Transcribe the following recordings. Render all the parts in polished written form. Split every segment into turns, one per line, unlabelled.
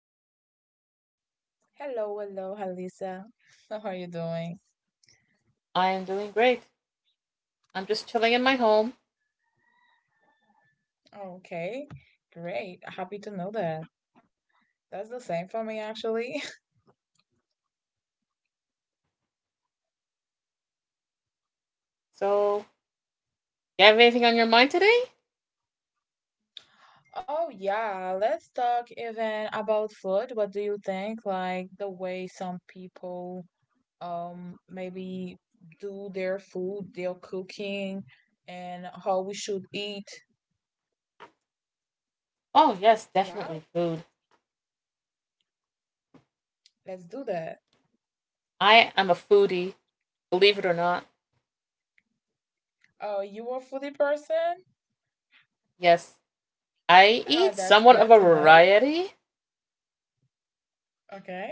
you, Williana.
Hello, hello, Halisa. How are you doing?
I am doing great. I'm just chilling in my home.
Okay, great. Happy to know that. That's the same for me, actually.
So, you have anything on your mind today?
Oh, yeah, let's talk even about food. What do you think? Like the way some people maybe do their food, their cooking, and how we should eat.
Oh,
Yeah,
yes, definitely food.
let's do that.
I am a foodie, believe it or not.
Oh, you a foodie person?
Yes, I
Oh,
eat
that's
somewhat
good
of a
to know.
variety.
Okay,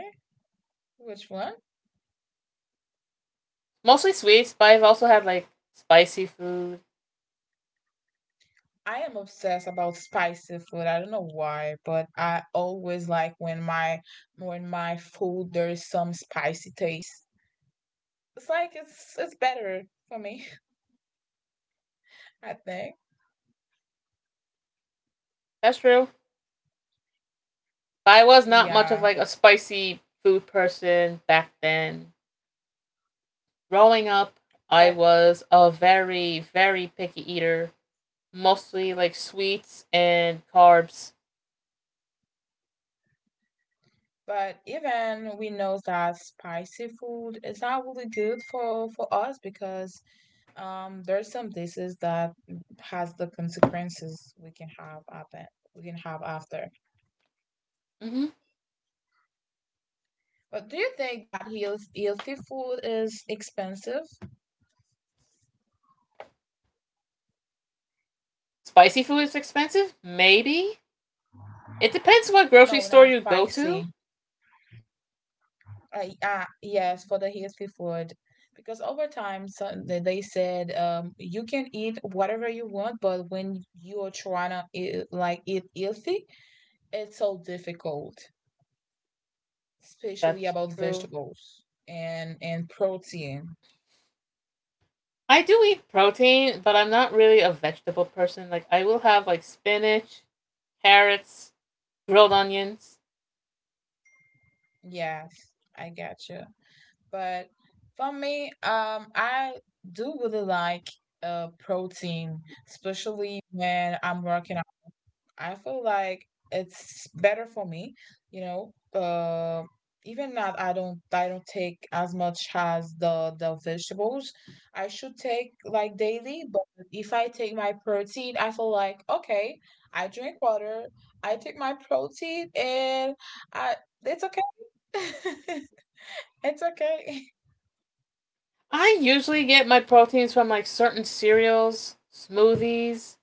which one?
Mostly sweets, but I've also had like spicy food.
I am obsessed about spicy food. I don't know why, but I always like when my food there's some spicy taste. It's like it's better for me, I think.
That's true. But I was not much of
Yeah,
like a spicy food person back then. Growing up, I
but
was a very, very picky eater. Mostly like sweets and carbs.
but even we know that spicy food is not really good for us because there's some diseases that has the consequences we can have happen we can have after.
Mm-hmm.
But do you think that healthy food is expensive?
Spicy food is expensive? Maybe. It depends what grocery
No,
store
not
you go
spicy.
to.
Yes, for the healthy food. Because over time, so they said, you can eat whatever you want, but when you're trying to eat, like eat healthy, it's so difficult, especially
That's
about
true.
vegetables and protein.
I do eat protein, but I'm not really a vegetable person. Like, I will have like spinach, carrots, grilled onions.
Yes, I get you. But for me, I do really like protein, especially when I'm working I feel like it's better for me, you know. Uh, Even that I don't take as much as the vegetables I should take like daily, but if I take my protein, I feel like okay, I drink water, I take my protein, and I it's okay, it's okay.
I usually get my proteins from like certain cereals, smoothies,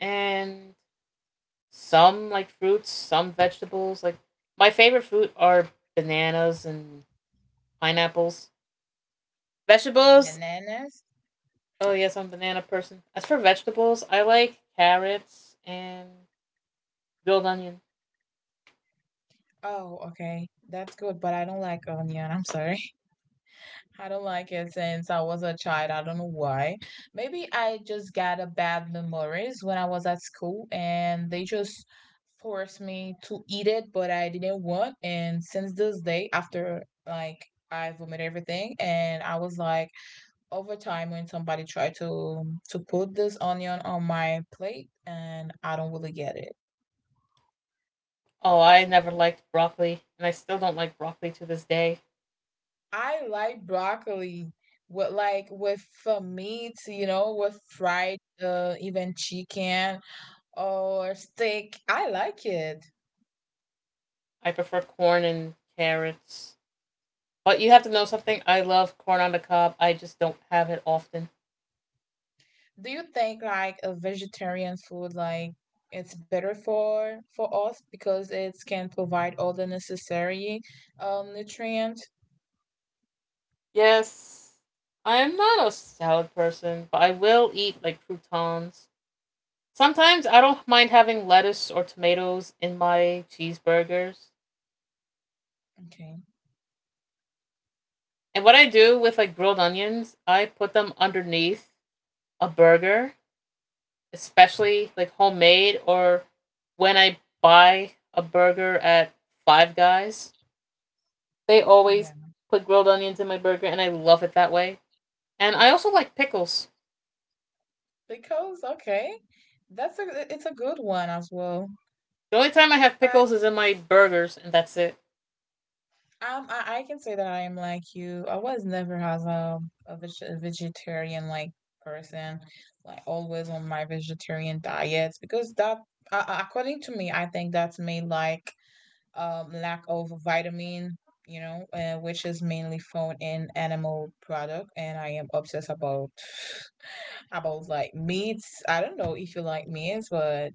and some like fruits, some vegetables. Like, my favorite fruit are bananas and pineapples. Vegetables.
Bananas.
Oh yes, I'm a banana person. As for vegetables, I like carrots and grilled onion.
Oh, okay, that's good, but I don't like onion. I'm sorry. I don't like it since I was a child. I don't know why. Maybe I just got a bad memories when I was at school and they just forced me to eat it, but I didn't want. And since this day, after like I vomited everything, and I was like, over time, when somebody tried to put this onion on my plate, and I don't really get it.
Oh, I never liked broccoli, and I still don't like broccoli to this day.
I like broccoli. With meat, with fried even chicken or steak. I like it.
I prefer corn and carrots. But you have to know something. I love corn on the cob. I just don't have it often.
Do you think like a vegetarian food like it's better for us because it can provide all the necessary nutrients?
Yes, I am not a salad person, but I will eat like croutons. Sometimes I don't mind having lettuce or tomatoes in my cheeseburgers.
Okay.
And what I do with like grilled onions, I put them underneath a burger, especially like homemade or when I buy a burger at Five Guys. They
Yeah.
always put grilled onions in my burger and I love it that way. And I also like pickles.
Because okay. That's a it's a good one as well.
The only time I have pickles is in my burgers and that's it.
I can say that I am like you. I was never as a vegetarian like person, like always on my vegetarian diets because that, according to me, I think that's made like lack of vitamin, which is mainly found in animal product, and I am obsessed about like meats. I don't know if you like meats, but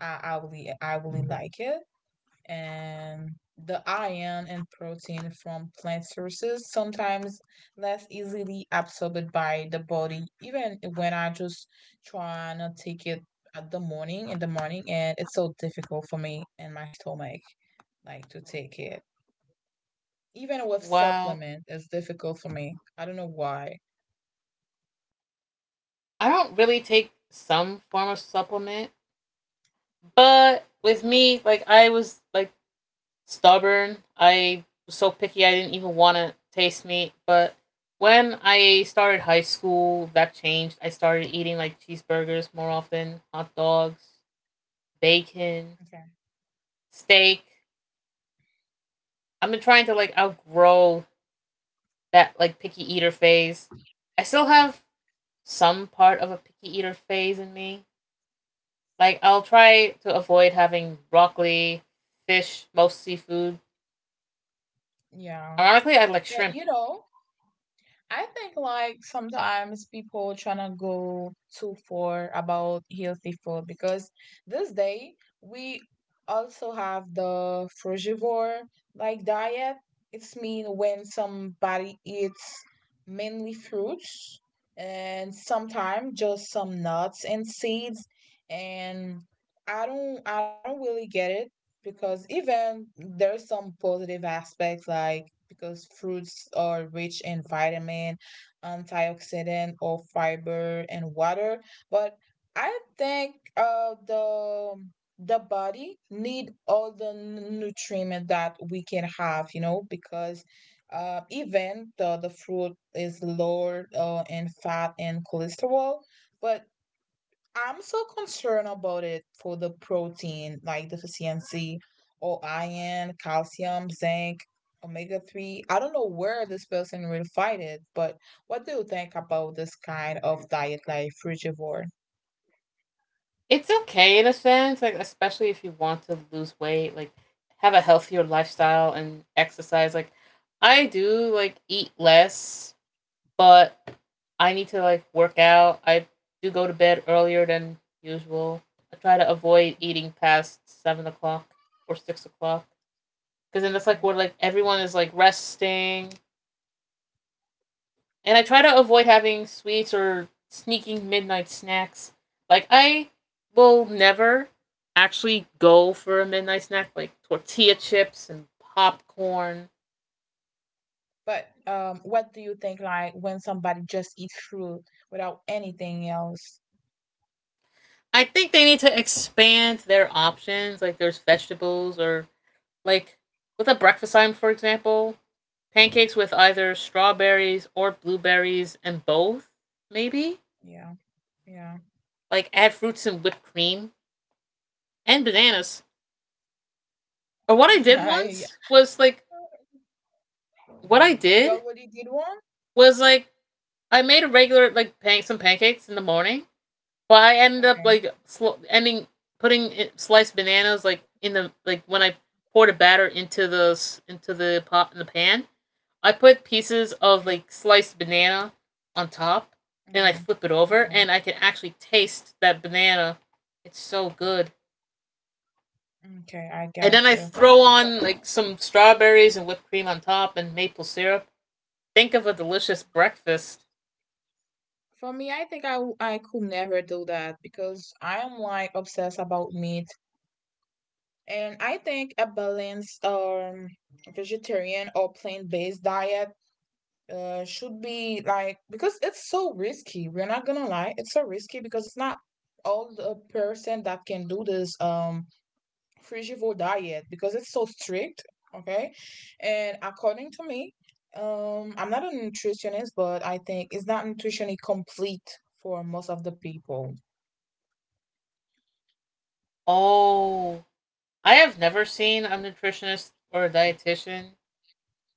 I really like it, and the iron and protein from plant sources sometimes less easily absorbed by the body, even when I just try not to take it at the morning in the morning, and it's so difficult for me and my stomach like to take it. Even with
Wow.
supplement, it's difficult for me. I don't know why.
I don't really take some form of supplement, but with me, like I was like stubborn. I was so picky I didn't even want to taste meat. But when I started high school, that changed. I started eating like cheeseburgers more often, hot dogs, bacon,
Okay.
steak. I've been trying to like outgrow that like picky eater phase. I still have some part of a picky eater phase in me. Like I'll try to avoid having broccoli, fish, most seafood.
Yeah,
Ironically, I like
but
shrimp.
I think like sometimes people tryna go too far about healthy food because this day we also have the frugivore like diet. It's mean when somebody eats mainly fruits and sometimes just some nuts and seeds, and I don't really get it because even there are some positive aspects like because fruits are rich in vitamin, antioxidant or fiber and water, but I think the body need all the nutriment that we can have, because even the fruit is lower in fat and cholesterol, but I'm so concerned about it for the protein, like deficiency or iron, calcium, zinc, omega omega-3. I don't know where this person will find it, but what do you think about this kind of diet, like frugivore?
It's okay in a sense, like especially if you want to lose weight, like have a healthier lifestyle and exercise. Like I do like eat less, but I need to like work out. I do go to bed earlier than usual. I try to avoid
Yeah,
eating past 7 o'clock or 6 o'clock, because then that's like
okay.
where like everyone is like resting. And I try to avoid having sweets or sneaking midnight snacks. Like I will never actually go for a midnight snack like tortilla chips and popcorn.
But what do you think, like, when somebody just eat fruit without anything else?
I think they need to expand their options. Like there's vegetables or like with a breakfast item, for example, pancakes with either strawberries or blueberries and both, maybe.
Yeah, yeah.
Like add fruits and whipped cream and bananas. Or what I did
I,
once was like what I
you
did
already did one?
was like I made a regular like some pancakes in the morning, but I ended up
Okay,
like sl- ending putting it, sliced bananas like in the like when I poured the batter into the pot in the pan. I put pieces of
okay,
like sliced banana on top, and I
okay,
flip it over,
okay,
and I can actually taste that banana. It's so good.
okay, I
And
got
then I
you.
throw on like some strawberries and whipped cream on top and maple syrup. Think of a delicious breakfast.
For me, I think I could never do that because I am like obsessed about meat, and I think a balanced vegetarian or plant-based diet should be like because it's so risky. We're not gonna lie, it's so risky because it's not all the person that can do this frugivore diet because it's so strict, okay, and according to me, I'm not a nutritionist, but I think it's not nutritionally complete for most of the people.
Oh, I have never seen a nutritionist or a dietitian.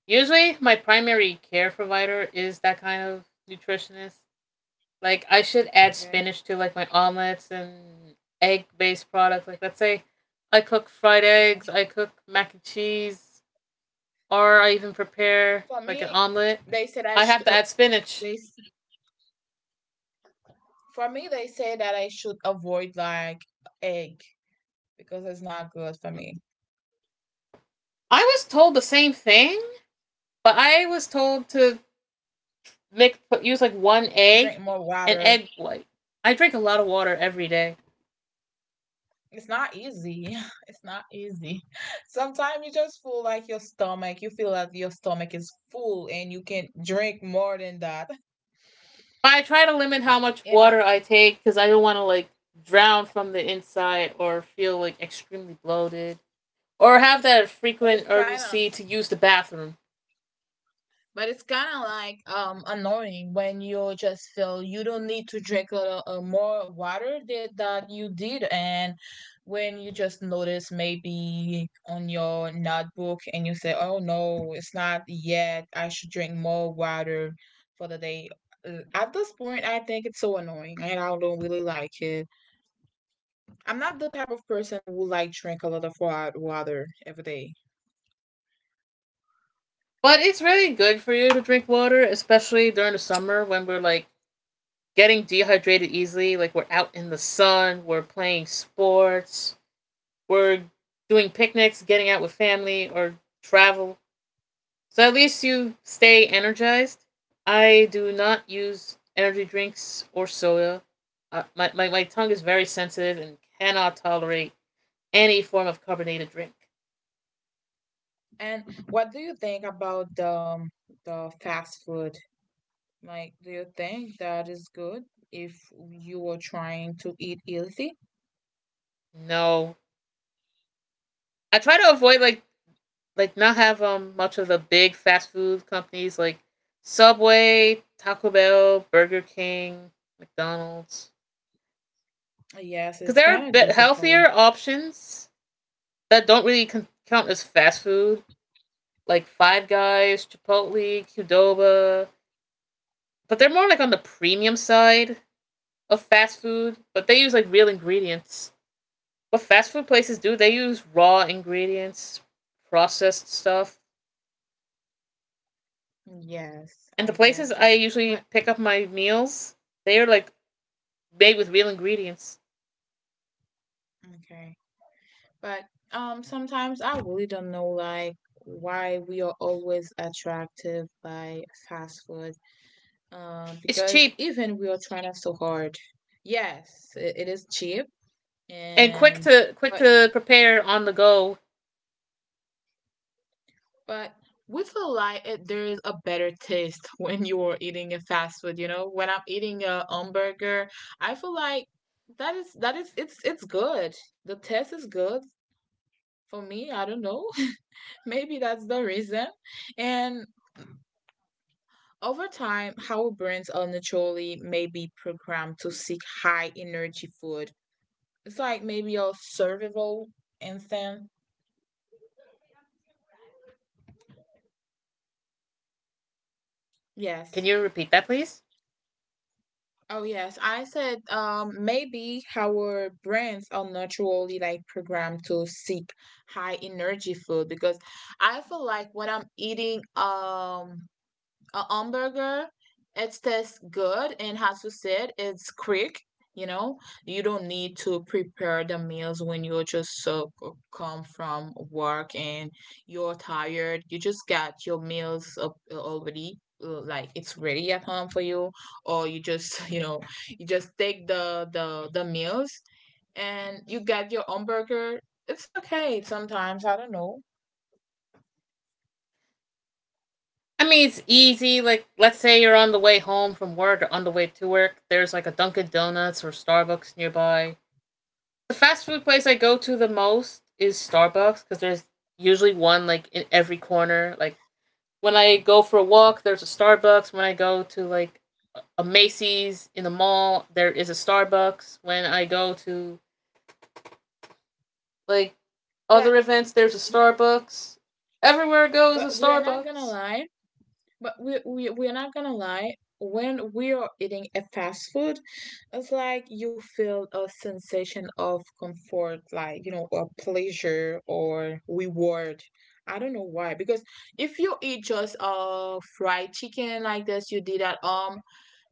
Usually, my primary care provider is that kind of nutritionist. Like, I should add
Okay,
spinach to like my omelets and egg-based products. Like, let's say I cook fried eggs,
okay.
I cook mac and cheese, or I even prepare
For
like an
me
omelet.
they said I
I have
should,
to add spinach.
they for me they say that I should avoid like egg because it's not good for me,
I was told the same thing, but I was told to use like one
and drink
egg
more
and
water.
egg white. I drink a lot of water every day.
It's not easy. It's not easy. Sometimes you just feel like your stomach, you feel like your stomach is full, and you can drink more than that.
But I try to limit how much
You know,
water I take because I don't want to like drown from the inside or feel like extremely bloated or have that
but
frequent
it's kind
urgency
of
to use the bathroom.
But it's kind of like annoying when you just feel you don't need to drink a more water than that you did, and when you just notice maybe on your notebook and you say, "Oh no, it's not yet. I should drink more water for the day." At this point, I think it's so annoying, and I don't really like it. I'm not the type of person who like drink a lot of water every day.
But it's really good for you to drink water, especially during the summer when we're like getting dehydrated easily. Like we're out in the sun, we're playing sports, we're doing picnics, getting out with family, or travel. So at least you stay energized. I do not use energy drinks or soda. My tongue is very sensitive and cannot tolerate any form of carbonated drink.
And what do you think about the fast food? Like, do you think that is good if you were trying to eat healthy?
No. I try to avoid like not have much of the big fast food companies like Subway, Taco Bell, Burger King, McDonald's.
Yes,
Because
it's
there are
kind of
bit
difficult.
healthier options that don't really count as fast food. Like Five Guys, Chipotle, Qdoba, but they're more like on the premium side of fast food. But they use like real ingredients. What fast food places do, they use raw ingredients, processed stuff.
Yes,
And the
I
places
get you.
I usually
But
pick up my meals, they are like made with real ingredients.
okay. But sometimes I really don't know like why we are always attracted by fast food.
It's
Because
cheap
even we are trying so hard. Yes, it is cheap,
and
and
quick
but
to prepare on the go.
But with a like it, there's a better taste when you're eating a fast food, you know? When I'm eating a hamburger, I feel like that is it's good. The taste is good for me, I don't know. Maybe that's the reason. And over time, our brains are naturally maybe programmed to seek high energy food. It's like maybe a survival instinct.
Can
Yes.
you repeat that, please?
Oh yes, I said maybe our brains are naturally like programmed to seek high energy food because I feel like when I'm eating a hamburger, it tastes good, and as you said, it's quick. you know you don't need to prepare the meals when you just so come from work and you're tired. You just got your meals up already, like it's ready at home for you. Or you just you just take the meals, and you got your hamburger. It's okay sometimes. I don't know.
I mean, it's easy. Like, let's say you're on the way home from work or on the way to work. There's like a Dunkin' Donuts or Starbucks nearby. The fast food place I go to the most is Starbucks because there's usually one like in every corner. Like, when I go for a walk, there's a Starbucks. When I go to like a Macy's in the mall, there is a Starbucks. When I go to like
but
other events, there's a Starbucks. Everywhere I go is
but
a
we are not gonna
Starbucks.
lie. But we're not gonna lie. When we are eating a fast food, it's like you feel a sensation of comfort, like or pleasure or reward. I don't know why. Because if you eat just fried chicken like this, you did at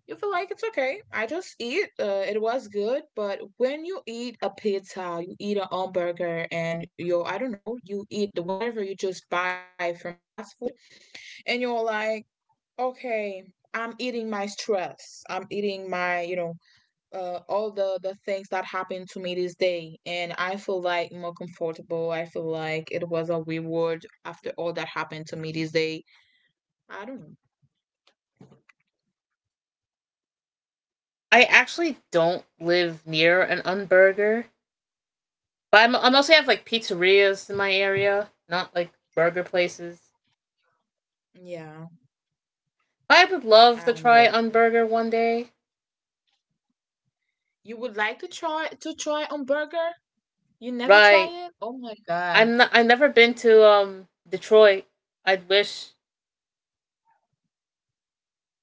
you feel like it's okay. I just eat. It was good. But when you eat a pizza, you eat a hamburger, and you, I don't know, you eat the whatever you just buy from the fast food, and you're like, okay, I'm eating my stress, I'm eating my all the things that happened to me this day. And I feel like more comfortable, I feel like it was a reward after all that happened to me this day. I don't know.
I actually don't live near an Unburger. But I mostly have like pizzerias in my area, not like burger places.
Yeah.
I would
I
love to try on
understand,
burger one day.
you would like to try on burger, you never
Right.
try it, oh my god.
I've never been to Detroit. I'd wish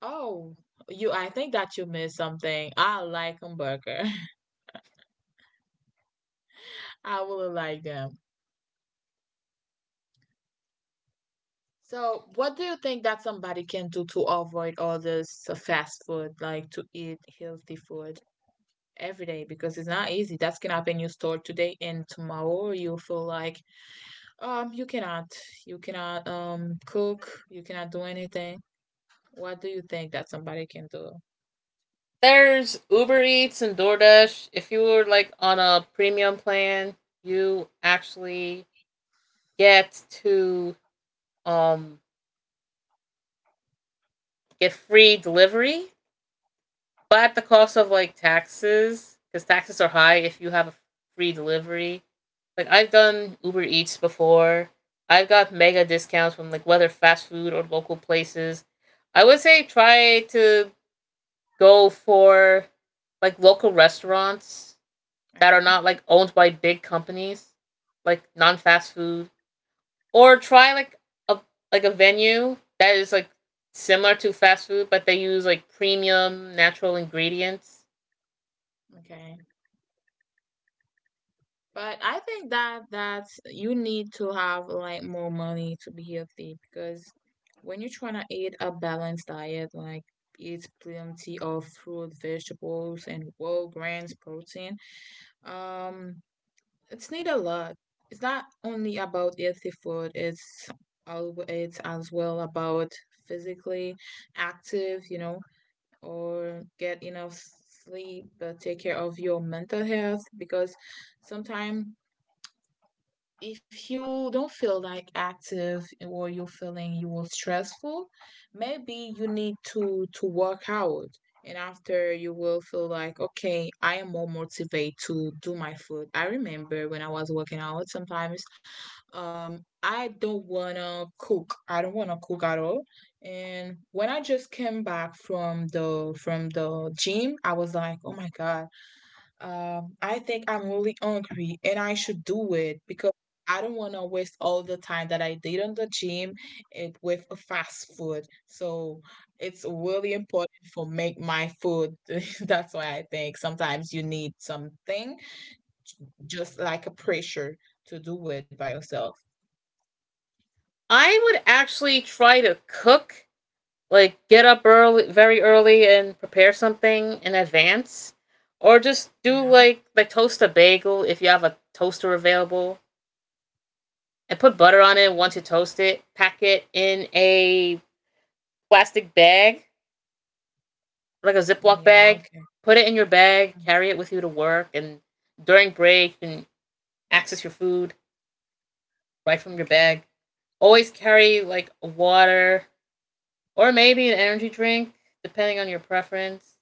Oh, you, I think that you missed something. I like hamburger. I really like them. So, what do you think that somebody can do to avoid all this fast food, like to eat healthy food every day? Because it's not easy. That can happen. You store today, and tomorrow you feel like um you cannot, you cannot cook, you cannot do anything. What do you think that somebody can do?
there's Uber Eats and DoorDash. If you were like on a premium plan, you actually get to um get free delivery, but at the cost of like taxes, because taxes are high if you have a free delivery. Like I've done Uber Eats before. I've got mega discounts from like whether fast food or local places. I would say try to go for like local restaurants that are
Okay,
not like owned by big companies, like non fast food, or try like a a venue that is like similar to fast food, but they use like premium natural ingredients.
okay. But I think that you need to have like more money to be healthy because when you're trying to eat a balanced diet, like eat plenty of fruit, vegetables, and whole grains, protein, um, it's need a lot. It's not only about healthy food. It's as well about physically active, or get enough sleep, but take care of your mental health because sometimes if you don't feel like active or you're feeling you are stressful, maybe you need to work out. And after you will feel like, okay, I am more motivated to do my food. I remember when I was working out, sometimes I don't wanna cook. I don't wanna cook at all. And when I just came back from the gym, I was like, oh my God, I think I'm really hungry and I should do it because I don't want to waste all the time that I did on the gym with a fast food. So it's really important for make my food. That's why I think sometimes you need something just like a pressure to do it by yourself.
I would actually try to cook like get up early very early and prepare something in advance or just do
Yeah.
like toast a bagel if you have a toaster available and put butter on it once you toast it, pack it in a plastic bag, like a ziploc
Yeah,
bag,
okay.
put it in your bag,
Mm.
carry it with you to work, and during break you can access your food right from your
Okay.
bag. Always carry like water or maybe an energy drink, depending on your preference.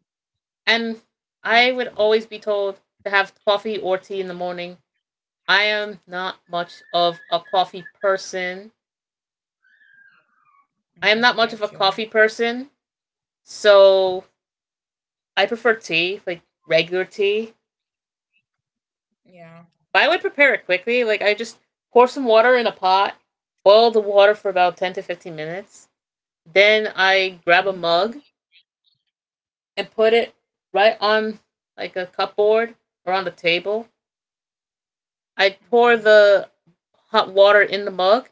And I
Mm.
would always be told to have coffee or tea in the morning. I am not much of a coffee person.
Okay,
I
I
am not
got
much of a
you.
coffee person, so I prefer tea, like regular tea.
Yeah,
But I would prepare it quickly. Like I just pour some water in a pot, boil the water for about 10 to 15 minutes. Then I
yeah,
grab a mug and put it right on like a cupboard or on the table. I pour
okay,
the hot water in the mug.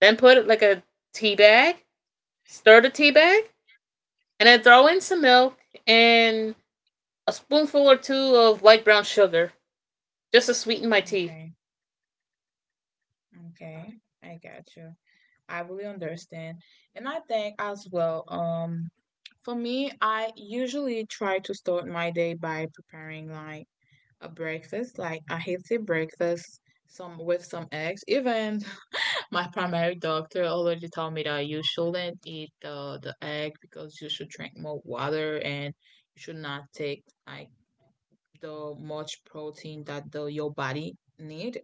Then put like a tea bag, stir the tea bag, and then throw in some milk and a spoonful or two of light brown sugar just to sweeten my tea.
okay, okay. I got you. I really understand. And I think as well, for me, I usually try to start my day by preparing like a breakfast, like a healthy breakfast, some with some eggs. Even my primary doctor already told me that you shouldn't eat the egg because you should drink more water and you should not take like the much protein that the your body need.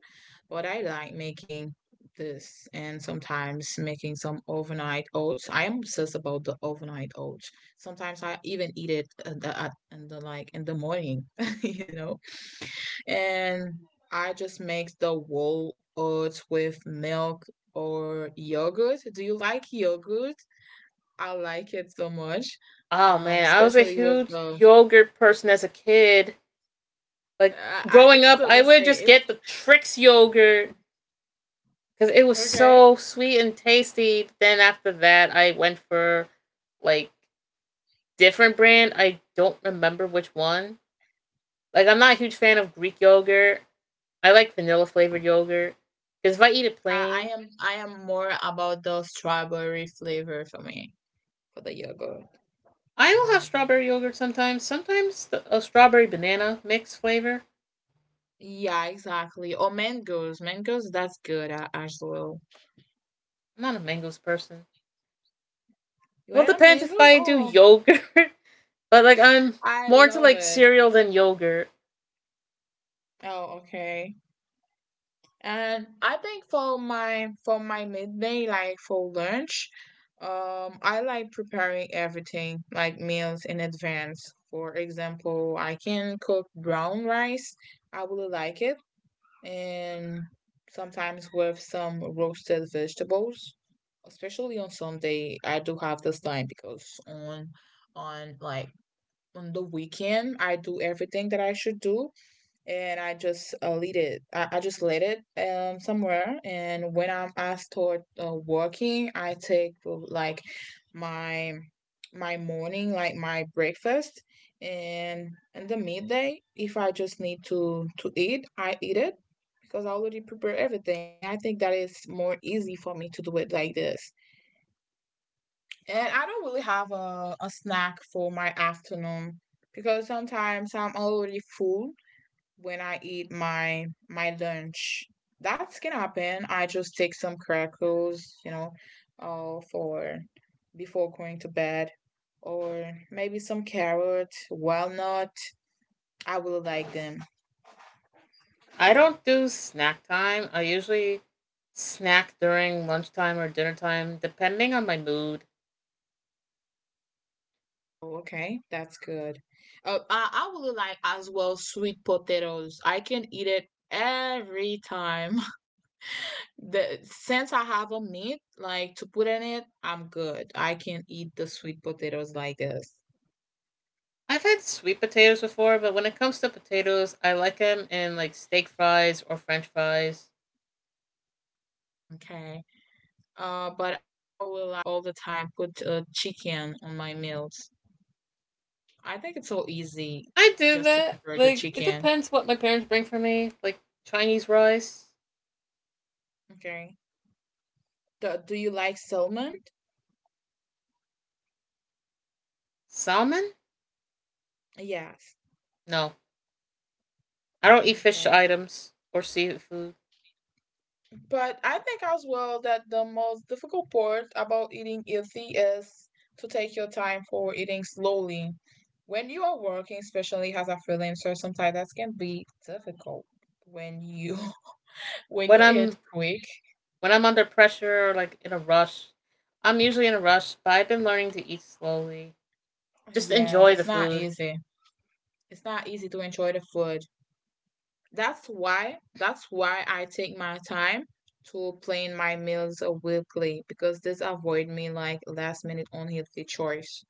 But I like making this and sometimes making some overnight oats. I am obsessed about the overnight oats. Sometimes I even eat it in the like in the morning. you know. And I just make the whole oats with milk or yogurt. Do you like yogurt? I like it so much,
Oh man, I was a
especially with
huge
the.
yogurt person as a kid. Like
I, I,
growing
it's
up,
still
I
the
would just
same.
get
It's
the Trix yogurt because it was
okay.
so sweet and tasty. But then after that, I went for like different brand. I don't remember which one. Like I'm not a huge fan of Greek yogurt. I like vanilla flavored yogurt because if I eat it
I, I
plain,
am I am more about the strawberry flavor for me for the yogurt.
I will have strawberry yogurt sometimes. Sometimes a strawberry banana mix flavor.
Yeah, exactly. Or mangoes. Mangoes, that's good as well.
I'm not a mangoes person.
You
Well, it
want to
depends if
mangoes?
I do
Oh,
yogurt, but I'm
I
more into
love
like
it.
cereal than yogurt.
Oh, okay. And I think for my midday, like for lunch, I like preparing everything, like meals in advance. For example, I can cook brown rice. I really like it and sometimes with some roasted vegetables. Especially on Sunday, I do have this time because on like on the weekend, I do everything that I should do, and I just lead it. I just led it somewhere. And when I'm asked toward working, I take like my my morning, like my breakfast, and in the midday, if I just need to eat, I eat it because I already prepare everything. I think that is more easy for me to do it like this. And I don't really have a snack for my afternoon because sometimes I'm already full when I eat my lunch. That can happen. I just take some crackers, for before going to bed, or maybe some carrot, walnut. I really like them.
I don't do snack time. I usually snack during lunchtime or dinner time, depending on my mood.
Oh, okay, that's good. I really like as well sweet potatoes. I can eat it every time. The since I have a meat like to put in it, I'm good. I can eat the sweet potatoes like this.
I've had sweet potatoes before, but when it comes to potatoes, I like them in like steak fries or french fries.
Okay. But I will like all the time put chicken on my meals. I think it's so easy
I do
just to
that.
prepare the
Like it
chicken.
depends what my parents bring for me. Like Chinese rice,
Okay. Do you like salmon?
salmon.
Yes.
No, I don't eat fish
Okay.
items or seafood.
But I think as well that the most difficult part about eating healthy is to take your time for eating slowly. When you are working, especially as a freelancer, sometimes that can be difficult when you when
When
you eat
I'm
quick.
when I'm under pressure or like in a rush, I'm usually in a rush. But I've been learning to eat slowly. Just
Yes,
enjoy the
it's not
food.
easy. It's not easy to enjoy the food. That's why I take my time to plan my meals weekly because this avoid me like last minute unhealthy choice.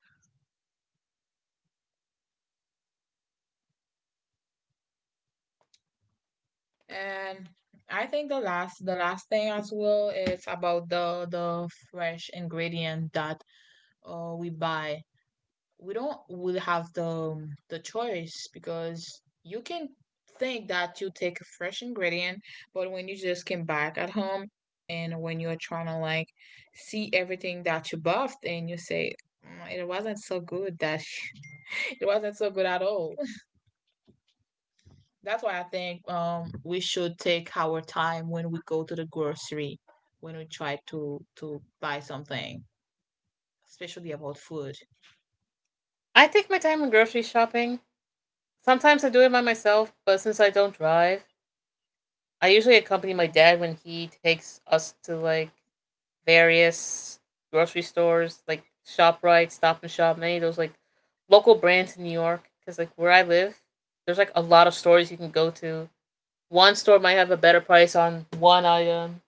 And I think the last thing as well is about the fresh ingredient that uh, we buy we don't will have the choice because you can think that you take a fresh ingredient, but when you just came back at home and when you're trying to like see everything that you buffed and you say, "Mm, it wasn't so good that it wasn't so good at all. That's why I think we should take our time when we go to the grocery when we try to buy something, especially about food.
I take my time when grocery shopping. Sometimes I do it by myself, but since I don't drive, I usually accompany my
Okay.
dad when he takes us to like various grocery stores like ShopRite, Stop and Shop, many of those like local brands in New York. Because like where I live, there's like a lot of stores you can go to. One store might have a better price on one item,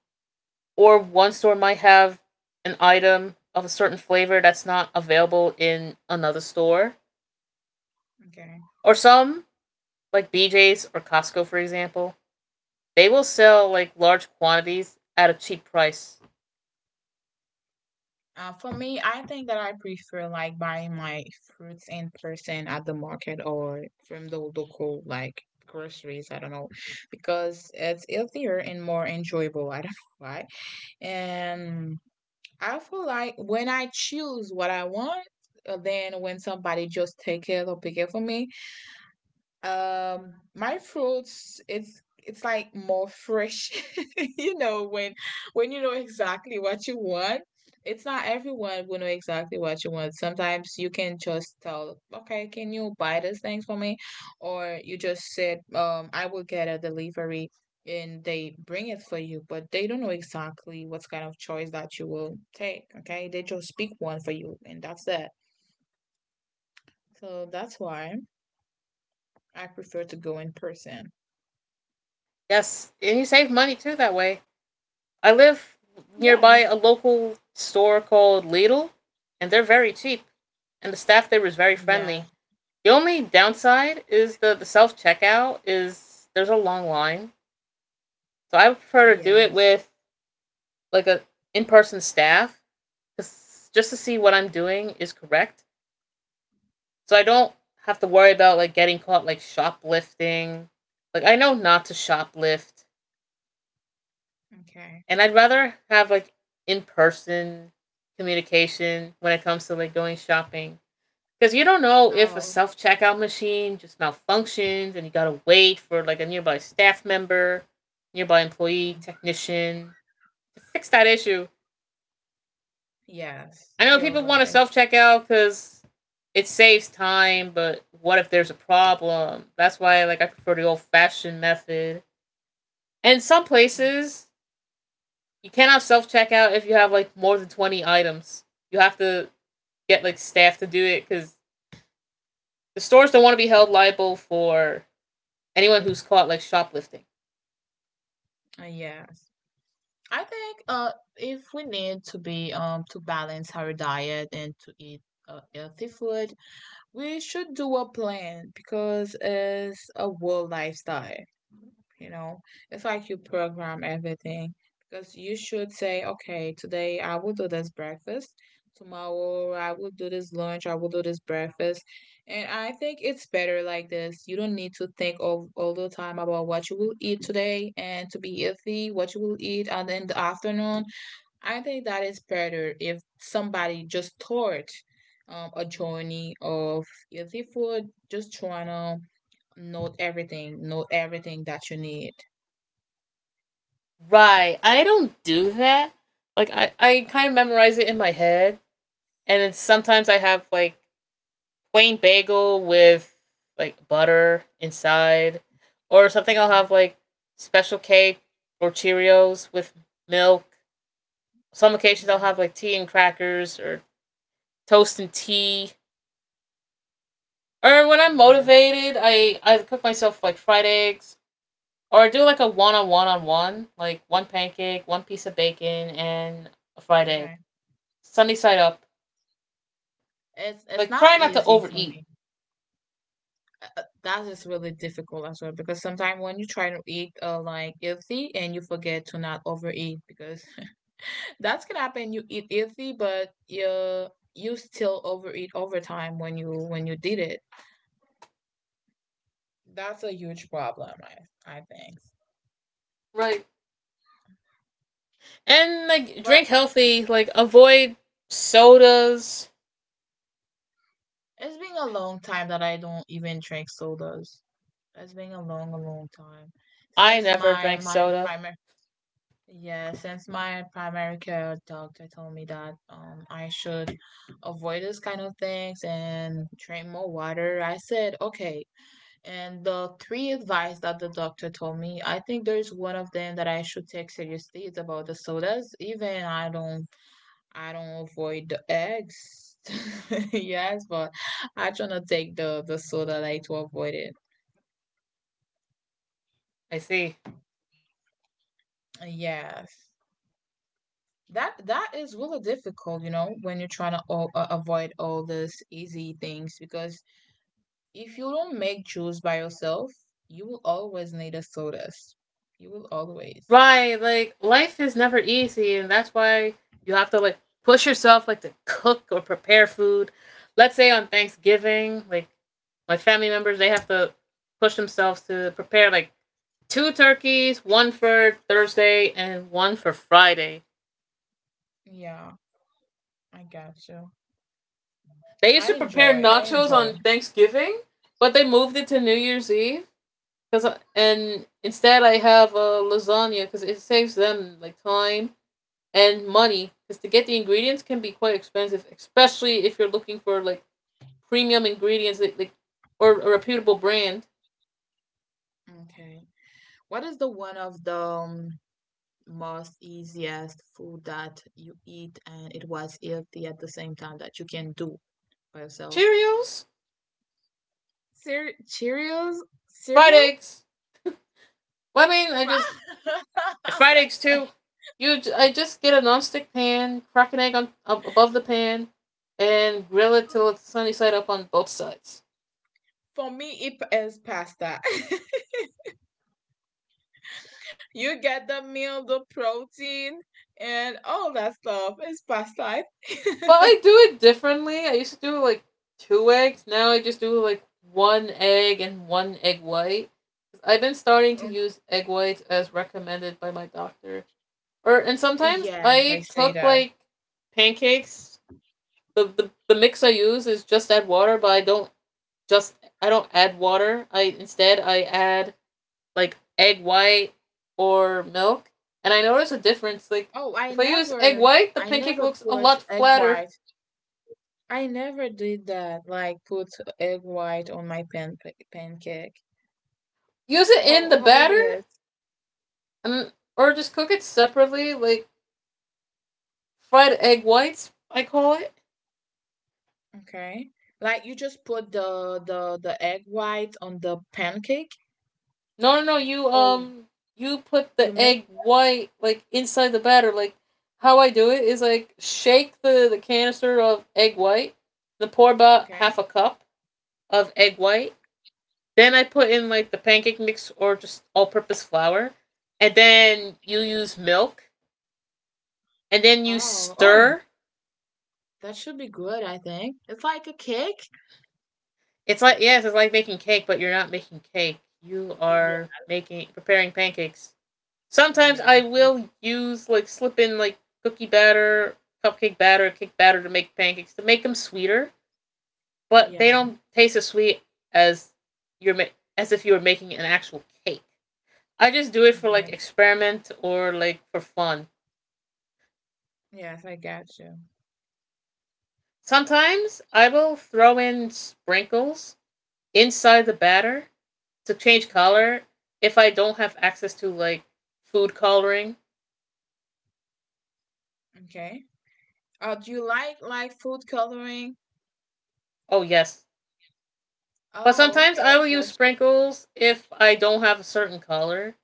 or one store might have an item of a certain flavor that's not available in another store.
Okay.
Or some, like BJ's or Costco, for example, they will sell like large quantities at a cheap price.
For me, I think that I prefer like buying my fruits in person at the market or from the local like groceries. I don't know because it's healthier and more enjoyable. I don't know why. And I feel like when I choose what I want, then when somebody just take it or pick it for me, my fruits, it's like more fresh, when you know exactly what you want. It's not everyone will know exactly what you want. Sometimes you can just tell, okay, can you buy these things for me? Or you just said, I will get a delivery and they bring it for you, but they don't know exactly what kind of choice that you will take. Okay, they just pick one for you, and that's it. So that's why I prefer to go in person.
Yes, and you save money too that way. I live nearby a
Yes.
local store called Lidl, and they're very cheap, and the staff there is very
Yeah.
friendly. The only downside is the self checkout is there's a long line, so I would prefer to do it
Yes.
with like a in person staff, 'cause- just to see what I'm doing is correct, so I don't have to worry about like getting caught like shoplifting. Like I know not to shoplift.
Okay.
And I'd rather have like in person communication when it comes to like going shopping. Because you don't know if a
Oh,
self
okay.
checkout machine just malfunctions and you gotta wait for like a nearby staff member, nearby employee,
Mm.
technician to fix that issue. I
Yes.
know people
You're
want to
right.
self checkout because it saves time, but what if there's a problem? That's why like I prefer the old fashioned method. And some
Uh,
places, you cannot self checkout if you have like more than 20 items. You have to get like staff to do it because the stores don't want to be held liable for anyone who's caught like shoplifting.
Yes. I think if we need to be to balance our diet and to eat healthy food, we should do a plan because it's a world lifestyle. You know, it's like you program everything because you should say, okay, today I will do this breakfast. Tomorrow I will do this lunch. I will do this breakfast. And I think it's better like this. You don't need to think of all the time about what you will eat today and to be healthy, what you will eat and in the afternoon. I think that is better if somebody just taught a journey of healthy food, just trying to note everything that you need.
Right. I don't do that. Like I kind of memorize it in my head, and then sometimes I have like plain bagel with like butter inside, or something. I'll
Okay.
have like special cake or Cheerios with milk. Some occasions I'll
Yeah.
have like tea and crackers or toast and tea. Or when I'm
Yes.
motivated, I cook myself like fried eggs, or do like a one on one on one, like one pancake, one piece of bacon, and a fried egg,
Okay.
sunny side up.
It's
Like
not
try not to
easy for
overeat.
me. That is really difficult as well because sometimes when you try to eat like healthy and you forget to not overeat because that's gonna happen. You eat healthy, but you still overeat over time when you did it. That's a huge problem, I think.
Right. And like drink
But
healthy. Like avoid sodas.
it's been a long time that I don't even drink sodas. It's been a long time
I
since
never
my
drank
my
soda.
primary yeah since my primary care doctor told me that I should avoid this kind of things and drink more water. I said okay, and the three advice that the doctor told me, I think there's one of them that I should take seriously. It's about the sodas. Even I don't avoid the eggs. Yes, but I try to take the soda like to avoid it.
I see.
Yes. That is really difficult, when you're trying to avoid all these easy things because if you don't make juice by yourself, you will always need a sodas. You will always.
Right, like life is never easy, and that's why you have to like push yourself, like to cook or prepare food. Let's say on Thanksgiving, like my family members, they have to push themselves to prepare like two turkeys, one for Thursday and one for Friday.
Yeah, I got you.
They used
I
to prepare
enjoy. I
nachos
enjoy.
on Thanksgiving, but they moved it to New Year's Eve. Cause and instead I have a lasagna because it saves them like time and money because to get the ingredients can be quite expensive, especially if you're looking for like premium ingredients like or a reputable brand.
Okay. What is the one of the most easiest food that you eat and it was healthy at the same time that you can do by yourself?
Cheerios,
Cheerios?
fried
Cereal?
eggs. Well, I mean, I just fried eggs
What's that?
too. You, I just get a nonstick pan, crack an egg on ab- above the pan, and grill it till it's sunny side up on both sides.
For me, it is pasta. You get the meal, the protein, and all that stuff. It's pasta.
But I do it differently. I used to do like two eggs. Now I just do like one egg and one egg white. I've been starting to use egg whites as recommended by my doctor. Or and sometimes
Yes, I
I
say
cook
that.
like pancakes. The mix I use is just add water, but I don't just I don't add water. I instead I add like egg white or milk. And I notice a difference. Like
Oh, I
if I use egg
never,
white, the
I
pancake
never
looks a
put
lot
egg
flatter.
white. I never did that, like put egg white on my pancake.
Use it in
How
the
how it
batter
is?
and or just cook it separately, like fried egg whites, I call it.
Okay. Like you just put the egg white on the pancake
No, no, no. You
or
you put
you
the
make
egg white like inside the batter. Like how I do it is like shake the canister of egg white, then pour about
okay.
half a cup of egg white. Then I put in like the pancake mix or just all-purpose flour, and then you use milk, and then you
Oh,
stir.
that should be good, I think. It's like a cake?
It's like yes, it's like making cake, but you're not making cake. You
Yeah.
are making preparing pancakes. Sometimes I
Yes. I,
will use like slip in like cookie batter, cupcake batter, cake batter to make pancakes to make them sweeter, but they
yeah.
don't taste as sweet as you're ma- as if you were making an actual cake. I just do it for
Okay.
like experiment or like for fun.
Yes, I got you.
Sometimes I will throw in sprinkles inside the batter to change
Okay.
color if I don't have access to like food coloring.
Okay. Do you like food coloring?
Oh yes. But
Oh,
sometimes I
okay.
will
Got
use
you.
sprinkles if I don't have a certain color.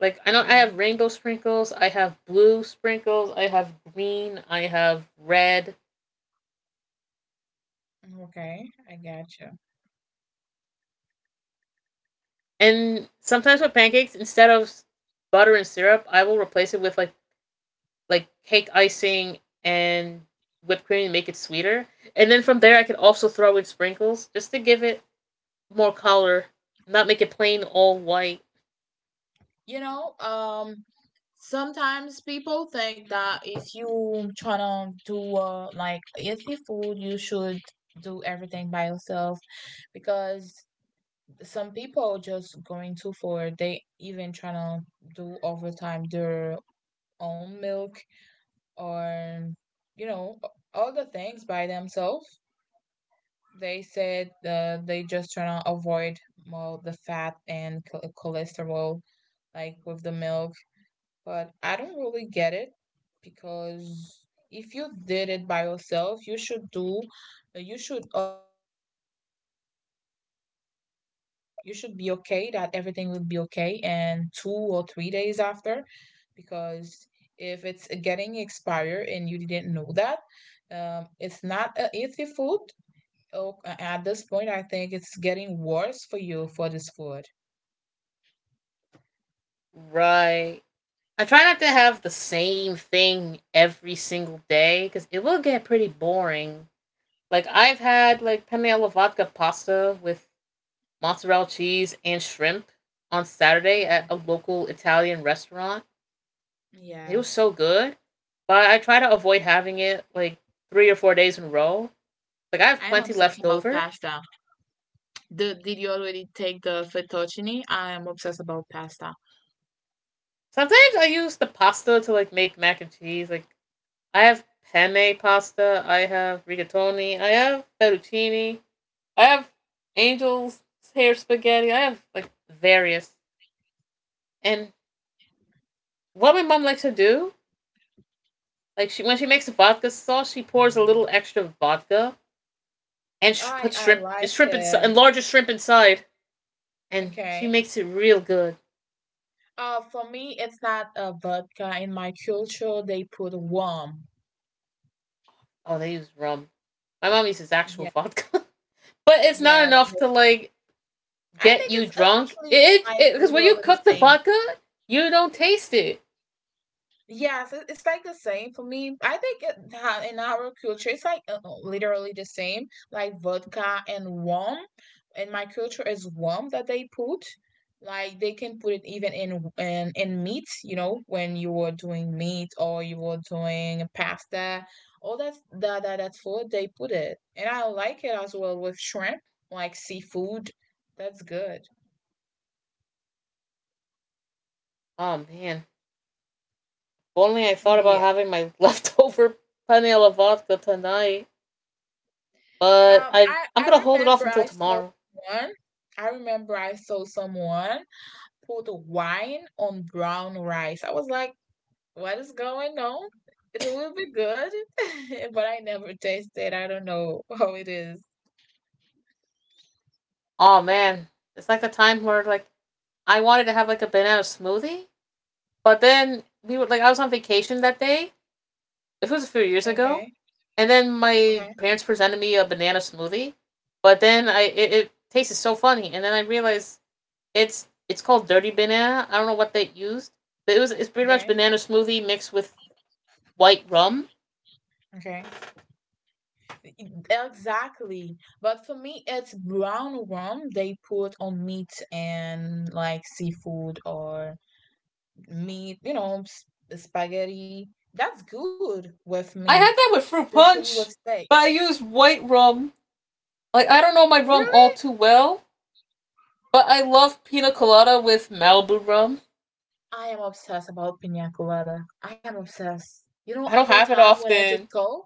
Like I know I
Okay.
have rainbow sprinkles, I have blue sprinkles, I have green, I have red.
Okay. I got you.
And sometimes with pancakes, instead of butter and syrup, I will replace it with like cake icing and whipped cream and make it sweeter. And then from there I could also throw in sprinkles just to give it more color, not make it plain all white.
You know, sometimes people think that if you try to do like healthy food, you should do everything by yourself because some people just going too far. They even try to do overtime their own milk or you know all the things by themselves. They said they just try to avoid well the fat and cholesterol like with the milk. But I don't really get it because if you did it by yourself, you should do, uh, you should, uh, you should be okay that everything will be okay. And 2 or 3 days after, because if it's getting expired and you didn't know that, it's not an easy food. Oh, at this point, I think it's getting worse for you for this food.
Right. I try not to have the same thing every single day because it will get pretty boring. Like I've had like penne alla vodka pasta with mozzarella cheese and shrimp on Saturday at
Okay.
a local Italian restaurant. It
Yeah,
was so good, but I try to avoid having it like 3 or 4 days in a row. Like I
I
have
am
plenty
obsessed
left
about
over.
pasta. Did you already take the fettuccine? I am obsessed about pasta.
Sometimes I use the pasta to like make mac and cheese. Like I have penne pasta, I have rigatoni, I have fettuccine. I have angels hair spaghetti. I have like various. And what my mom likes to do, like she when she makes a vodka sauce, she pours a little extra vodka and
I
puts
I
shrimp and
like
shrimp inside
it.
and larger shrimp inside, and she
Okay.
makes it real good.
For me, it's not a vodka. In my culture, they put rum.
Oh, they use rum. My mom uses actual
Yeah.
vodka, but it's not
Yes.
enough to like
I
get
think
you
it's
drunk.
actually
It
like
because when you
literally the
cook the
same.
vodka, you don't taste it.
Yes, it's like the same for me. I think in our culture, it's like literally the same, like vodka and rum. In my culture, is rum that they put. Like they can put it even in in meat. You know, when you were doing meat or you were doing pasta, all that food they put it, and I like it as well with shrimp, like seafood. That's good.
Oh man! If only I thought about
Yeah.
having my leftover panela vodka tonight. But I
I
I'm
I
gonna hold it off
remember
until
I saw
tomorrow.
someone. I remember I saw someone put wine on brown rice. I was like, what is going on? It will be good, but I never tasted. I don't know how it is.
Oh man, it's like a time where I wanted to have like a banana smoothie, but then we were like I was on vacation that day. It was a few years ago,
Okay.
and then my
Okay,
parents presented me a banana smoothie, but then it tasted so funny, and then I realized it's called dirty banana. I don't know what they used. But it's pretty much
okay,
banana smoothie mixed with white rum.
okay. Exactly. But for me, it's brown rum they put on meat and like seafood or meat, you know, s- spaghetti. That's good with meat
I had that with fruit
especially with
punch,
steak.
but I used white rum. Like I don't know my rum all
Really?
too well. But I love pina colada with Malibu rum.
I am obsessed about pina colada. I am obsessed. You know,
I don't
over
have it
time when I just
often.
go,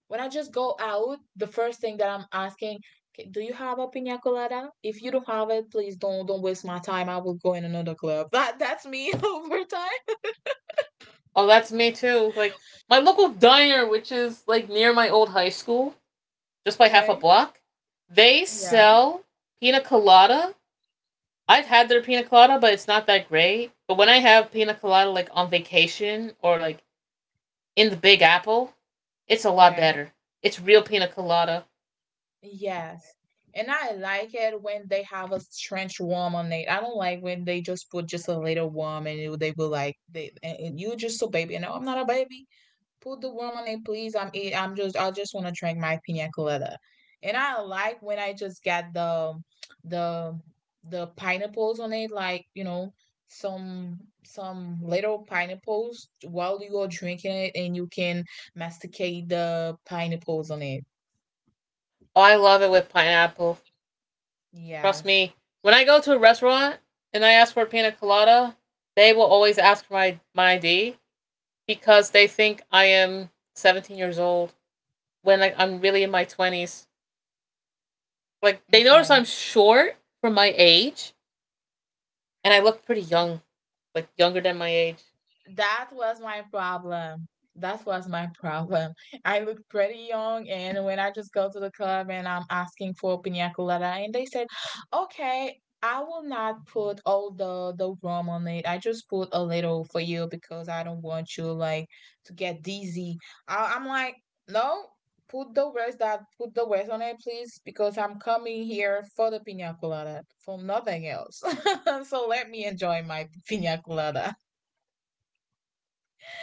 when I just go out, the first thing that I'm asking, "Okay, do you have a pina colada? If you don't have it, please don't waste my time. I will go in another club. That that's me over time."
Oh, that's me too. Like my local diner, which is like near my old high school, just by half a
Okay.
block, they
Yeah.
sell pina colada. I've had their pina colada, but it's not that great. But when I have pina colada like on vacation or like in the Big Apple, it's a lot
Okay.
better. It's real pina colada.
Yes. And I like it when they have a strange worm on it. I don't like when they just put just a little worm and you- they will like they and you just so baby. No, I'm not a baby. Put the worm on it, please. I'm eat. I'm just I just want to drink my pina colada. And I like when I just get the the pineapples on it, like you know some little pineapples while you are drinking it, and you can masticate the pineapples on it.
Oh, I love it with pineapple. Trust
Yes.
me. When I go to a restaurant and I ask for a pina colada, they will always ask for my ID because they think I am 17 years old when like, I'm really in my 20s. Like, they notice I'm
Okay.
short for my age and I look pretty young, like younger than my age.
That was my problem. That was my problem. I look pretty young, and when I just go to the club and I'm asking for pina colada, and they said, "Okay, I will not put all the rum on it. I just put a little for you because I don't want you like to get dizzy." I'm like, no, put the rest that put the rest on it, please, because I'm coming here for the pina colada for nothing else. so let me enjoy my pina colada.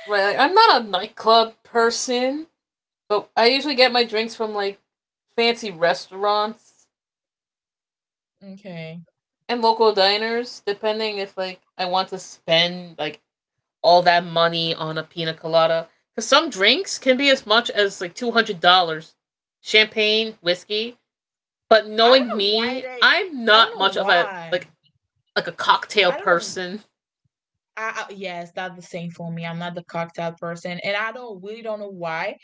Right, like, I'm not a nightclub person, but I usually get my drinks from like fancy restaurants
Okay.
and local diners, depending if like I want to spend like all that money on a pina colada. Because some drinks can be as much as like $200. Champagne, whiskey. But
I don't
knowing
know why
me,
they.
I'm
I don't
not
know
much of a
why.
like a
I
cocktail
don't know.
person.
I, yeah, it's not the same for me. I'm not the cocktail person, and I don't really don't know why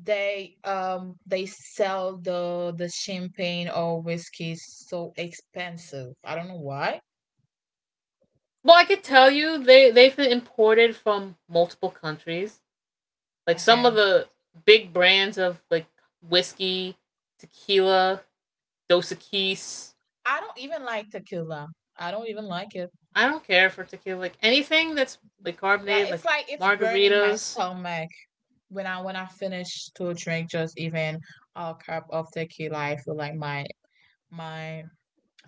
they sell the champagne or whiskey so expensive. I don't know why.
Well, I could tell you they've been imported from multiple countries. Like some of
Okay,
the big brands of like whiskey, tequila, Dos Equis.
I don't even like tequila. I don't even like it.
I don't care for tequila. Like anything that's like carbonated, like
Like it's burning my
margaritas,
stomach when I finish to drink just even a cup of tequila. I feel like my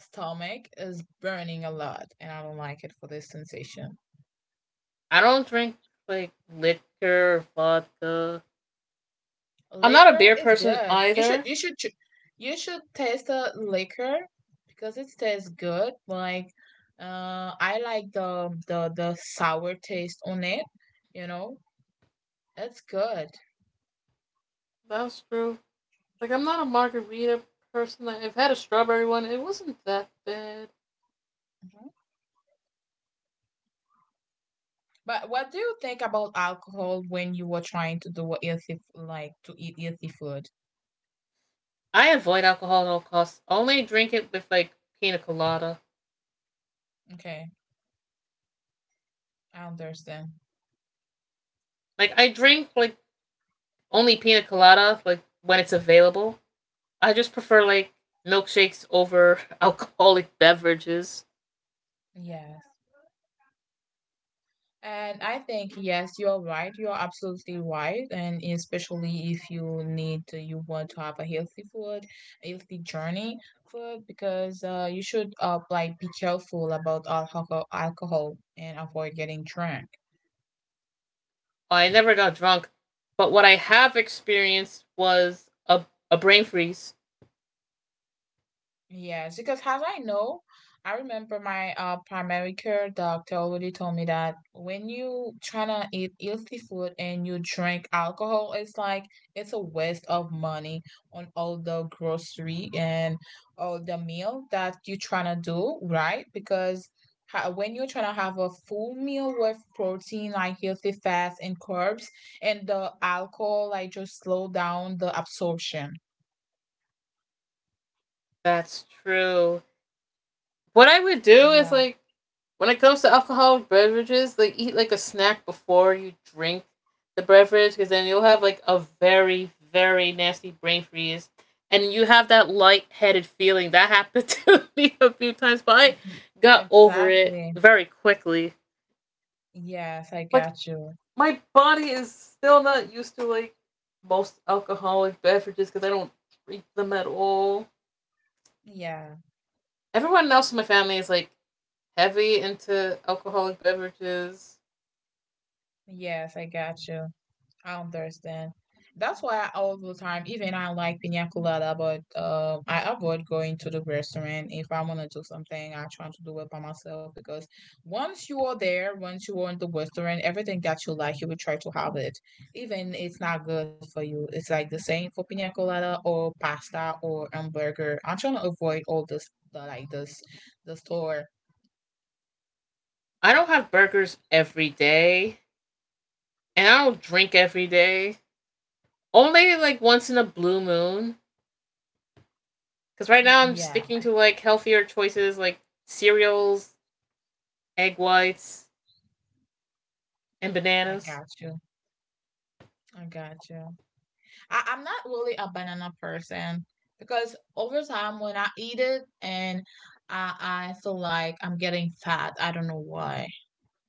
stomach is burning a lot and I don't like it for this sensation.
I don't drink like liquor, vodka. I'm not a
Liquor
beer
is
person
good. You should
either.
you should you should taste the liquor because it tastes good. Like I like the sour taste on it, you know. It's good.
That's true. Like I'm not a margarita person. Like, I've had a strawberry one. It wasn't that bad.
Mhm. But what do you think about alcohol when you were trying to do a healthy like to eat healthy food?
I avoid alcohol at all costs. Only drink it with like pina colada.
Okay, I understand.
Like I drink like only pina colada like when it's available. I just prefer like milkshakes over alcoholic beverages.
Yeah. And I think, yes, you're right. You're absolutely right. And especially if you need, you want to have a healthy food, a healthy journey food, because you should like be careful about alcohol, alcohol and avoid getting drunk.
I never got drunk, but what I have experienced was a brain freeze.
Yes, because as I know, I remember my primary care doctor already told me that when you try to eat healthy food and you drink alcohol, it's like it's a waste of money on all the grocery and all the meal that you're trying to do, right? Because ha- when you're trying to have a full meal with protein, like healthy fats and carbs, and the alcohol, like just slow down the absorption.
That's true. What I would do is
Yeah,
like when it comes to alcoholic beverages, like eat like a snack before you drink the beverage, because then you'll have like a very nasty brain freeze, and you have that lightheaded feeling. That happened to me a few times, but
y-
I
y-
got over it
exactly.
very quickly.
Yes, I
Like
got you.
my body is still not used to like most alcoholic beverages because I don't drink them at all.
Yeah.
Everyone else in my family is like heavy into alcoholic beverages.
Yes, I got you. I understand. That's why I, all the time, even I like pina colada, but I avoid going to the restaurant. If I want to do something, I try to do it by myself because once you are there, once you are in the restaurant, everything that you like, you will try to have it. Even it's not good for you. It's like the same for pina colada or pasta or hamburger. I'm trying to avoid all this, the, like this, the store.
I don't have burgers every day, and I don't drink every day. Only like once in a blue moon. Because right
Mm,
now I'm
yeah,
sticking to like healthier choices like cereals, egg whites, and
I
bananas.
got you. I got you. I'm not really a banana person because over time when I eat it and I feel like I'm getting fat. I don't know why.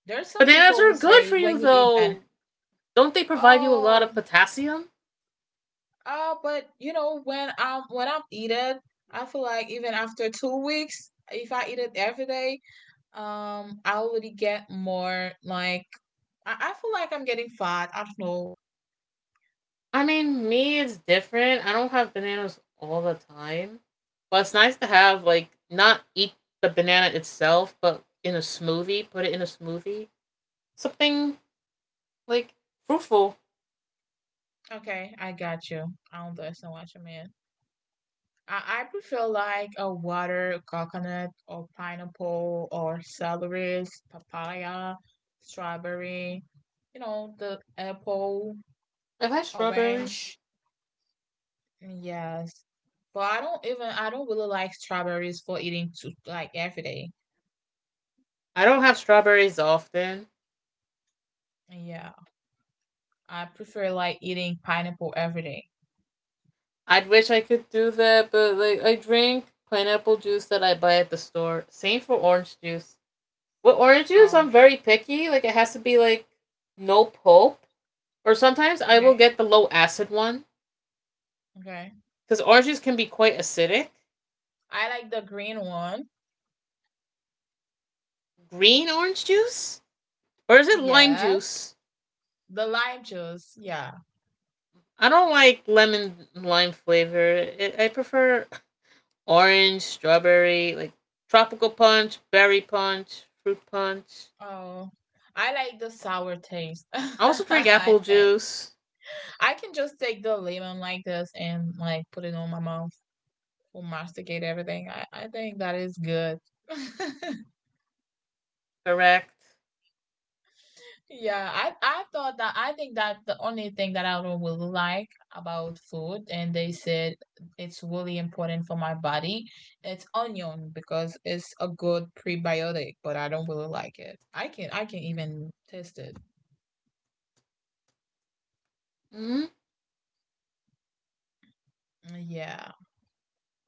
There's some
Bananas
people who
are good
say
for you
when you eat banana,
though. Don't they provide you a lot
oh,
of potassium?
oh, but you know when I'm eat it, I feel like even after 2 weeks, if I eat it every day, I already get more like I feel like I'm getting fat. I don't know.
I mean, me, it's different. I don't have bananas all the time. But it's nice to have, like, not eat the banana itself, but in a smoothie, put it in a smoothie. Something, like, fruitful.
Okay, I got you. I don't understand what you mean. I prefer like a water, coconut, or pineapple, or celery, papaya, strawberry, you know, the apple,
Have I had strawberries?
orange. Yes. But I don't even, I don't really like strawberries for eating to like every day.
I don't have strawberries often.
Yeah. I prefer like eating pineapple every day.
I'd wish I could do that, but, like, I drink pineapple juice that I buy at the store. Same for orange juice. With orange juice,
Oh,
I'm very picky. Like, it has to be, like, no pulp. Or sometimes I will
okay.
get the low acid one.
Okay.
Because orange juice can be quite acidic.
I like the green one.
Green orange juice? Or is it lime
Yes.
juice?
The lime juice. Yeah.
I don't like lemon lime flavor. I prefer orange, strawberry, like tropical punch, berry punch, fruit punch.
Oh, I like the sour taste.
I also drink
I
apple
think
juice,
I can just take the lemon like this and like put it on my mouth or masticate everything. I think that is good.
correct?
Yeah, I thought that I think that the only thing that I don't really like about food, and they said it's really important for my body, it's onion because it's a good prebiotic, but I don't really like it. I can even taste it.
Hmm.
Yeah.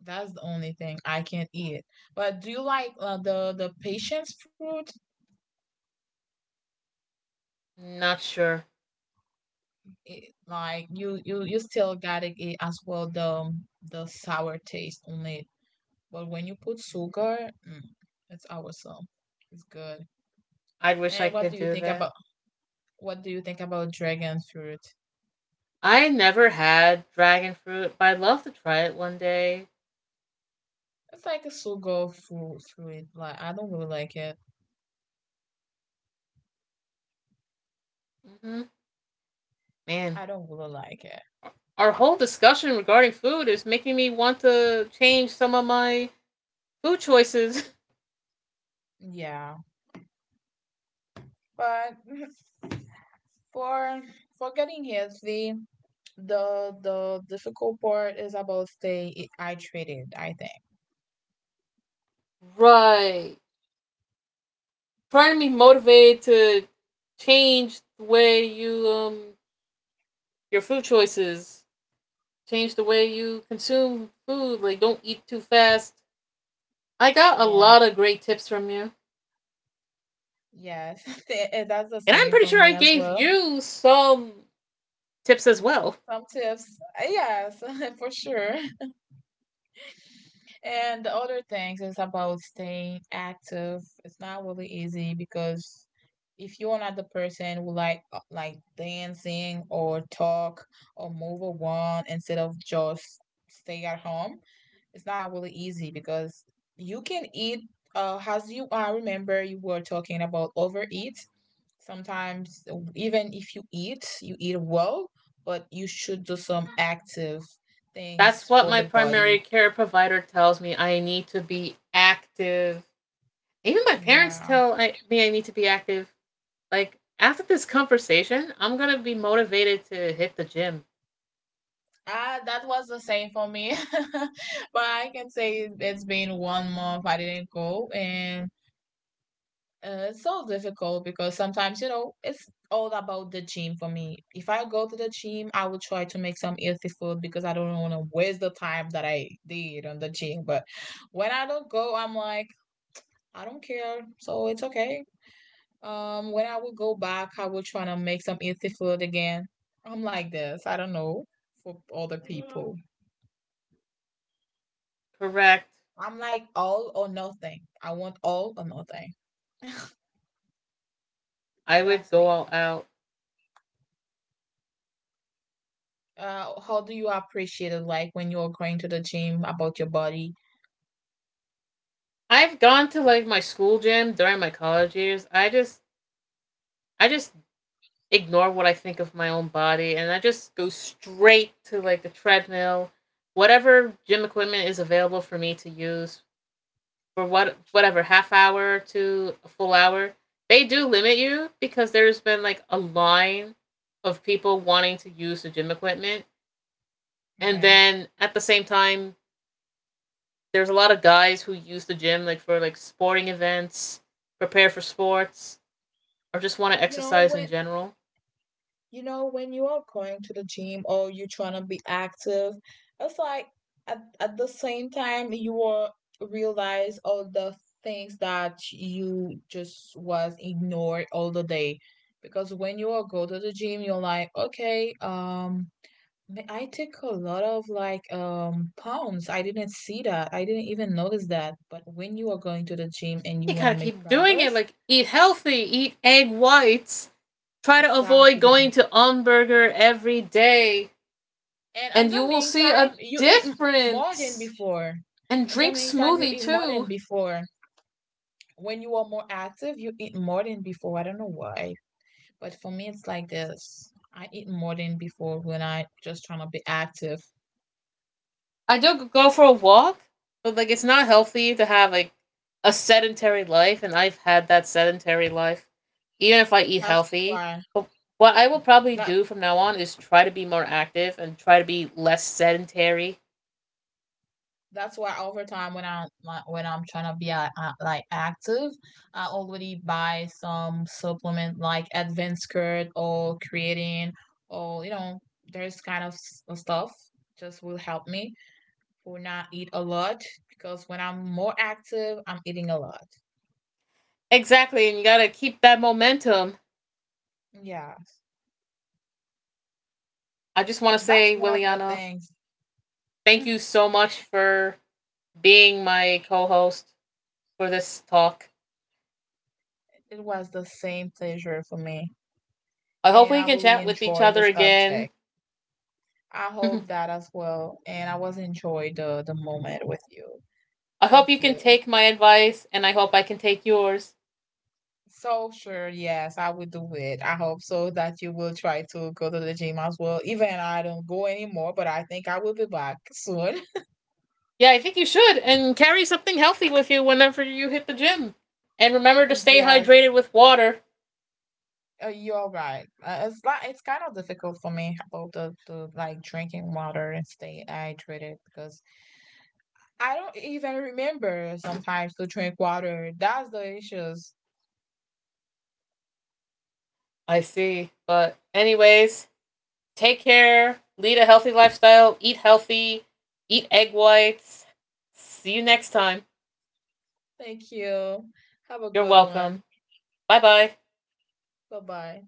That's the only thing I can't eat. But do you like the patience fruit?
Not sure.
It, like you still gotta eat as well the sour taste only. But when you put sugar, mm, it's awesome. It's good.
I wish I
And what
could
do you
do
think
that.
about what do you think about dragon fruit?
I never had dragon fruit, but I'd love to try it one day.
It's like a sugar fruit fruit. Like I don't really like it.
Hmm. Man,
I don't really like it.
our whole discussion regarding food is making me want to change some of my food choices.
Yeah, but for for getting healthy, the difficult part is about stay I treated, I think.
Right. Trying to be motivated to change the way you your food choices, change the way you consume food. Like don't eat too fast. I got a lot
Yes,
of great tips from you,
yes. Th- eh, that's the
and I'm pretty
same
sure
for
I
me as
gave
well.
you some tips as well.
Some tips, yes, for sure. And the other things is about staying active. It's not really easy because if you're not the person who like dancing or talk or move around instead of just stay at home, it's not really easy because you can eat. As you I remember you were talking about overeat. Sometimes even if you eat, you eat well, but you should do some active things
That's what
for
my
the
primary
body.
care provider tells me. I need to be active. Even my parents
Yeah.
tell me I need to be active. Like after this conversation, I'm gonna be motivated to hit the gym.
Ah, that was the same for me. But I can say it's been 1 month I didn't go, and it's so difficult because sometimes, you know, it's all about the gym for me. If I go to the gym, I will try to make some healthy food because I don't want to waste the time that I did on the gym. But when I don't go, I'm like, I don't care, so it's okay. When I will go back, I will try to make some healthy food again. I'm like this. I don't know for other people.
Correct.
I'm like all or nothing. I want all or nothing.
I would
That's
go
me.
all out.
How do you appreciate it? Like when you're going to the gym about your body.
I've gone to like my school gym during my college years. I just ignore what I think of my own body and I just go straight to like the treadmill, whatever gym equipment is available for me to use for whatever half hour to a full hour, they do limit you because there's been like a line of people wanting to use the gym equipment, and
Okay.
then at the same time, there's a lot of guys who use the gym like for like sporting events, prepare for sports, or just want to
You know
exercise in
when
general.
you know when you are going to the gym or you're trying to be active, it's like at the same time you will realize all the things that you just was ignored all the day because when you are go to the gym you're like okay Th- I took a lot of like pounds. I didn't see that. I didn't even notice that. But when you are going to the gym and you
You
want to
gotta
make
keep doing it.
progress,
Like eat healthy, eat egg whites, try to avoid
exactly.
going to Umburger every day,
And in
and you
the
will see
meantime,
a
you eat m- more than
difference.
before.
And
In the
drink
meantime, you
smoothie
eat more than
too.
before. When you are more active, you eat more than before. I don't know why, but for me, it's like this. I eat more than before when I just trying to be active.
I do go for a walk, but like it's not healthy to have like a sedentary life, and I've had that sedentary life, even if I eat
That's
healthy.
why.
But what I will probably
That
do from now on is try to be more active and try to be less sedentary.
that's why over time when I like, when I'm trying to be like active, I already buy some supplement like Advanced curd or creatine or you know there's kind of s- stuff just will help me for not eat a lot because when I'm more active, I'm eating a lot.
Exactly, and you gotta keep that momentum.
Yeah,
I just want to
that's
say,
one of the
Williana,
things.
thank you so much for being my co host for this talk.
It was the same pleasure for me,
I hope
and
we
I
can
really
chat with each
enjoy the
other again.
subject. I hope that as well. And I was enjoyed the moment with you.
I hope
Thank
you can
you.
take my advice, and I hope I can take yours.
So sure, yes, I will do it. I hope so that you will try to go to the gym as well. Even I don't go anymore, but I think I will be back soon.
Yeah, I think you should, and carry something healthy with you whenever you hit the gym. And remember to stay
Yes,
hydrated with water.
you're right. It's like it's kind of difficult for me about the like drinking water and stay hydrated because I don't even remember sometimes to drink water. That's the issues.
I see. But, anyways, take care, lead a healthy lifestyle, eat healthy, eat egg whites. See you next time.
Thank you. Have a
You're
good
welcome.
one.
Bye bye.
Bye bye.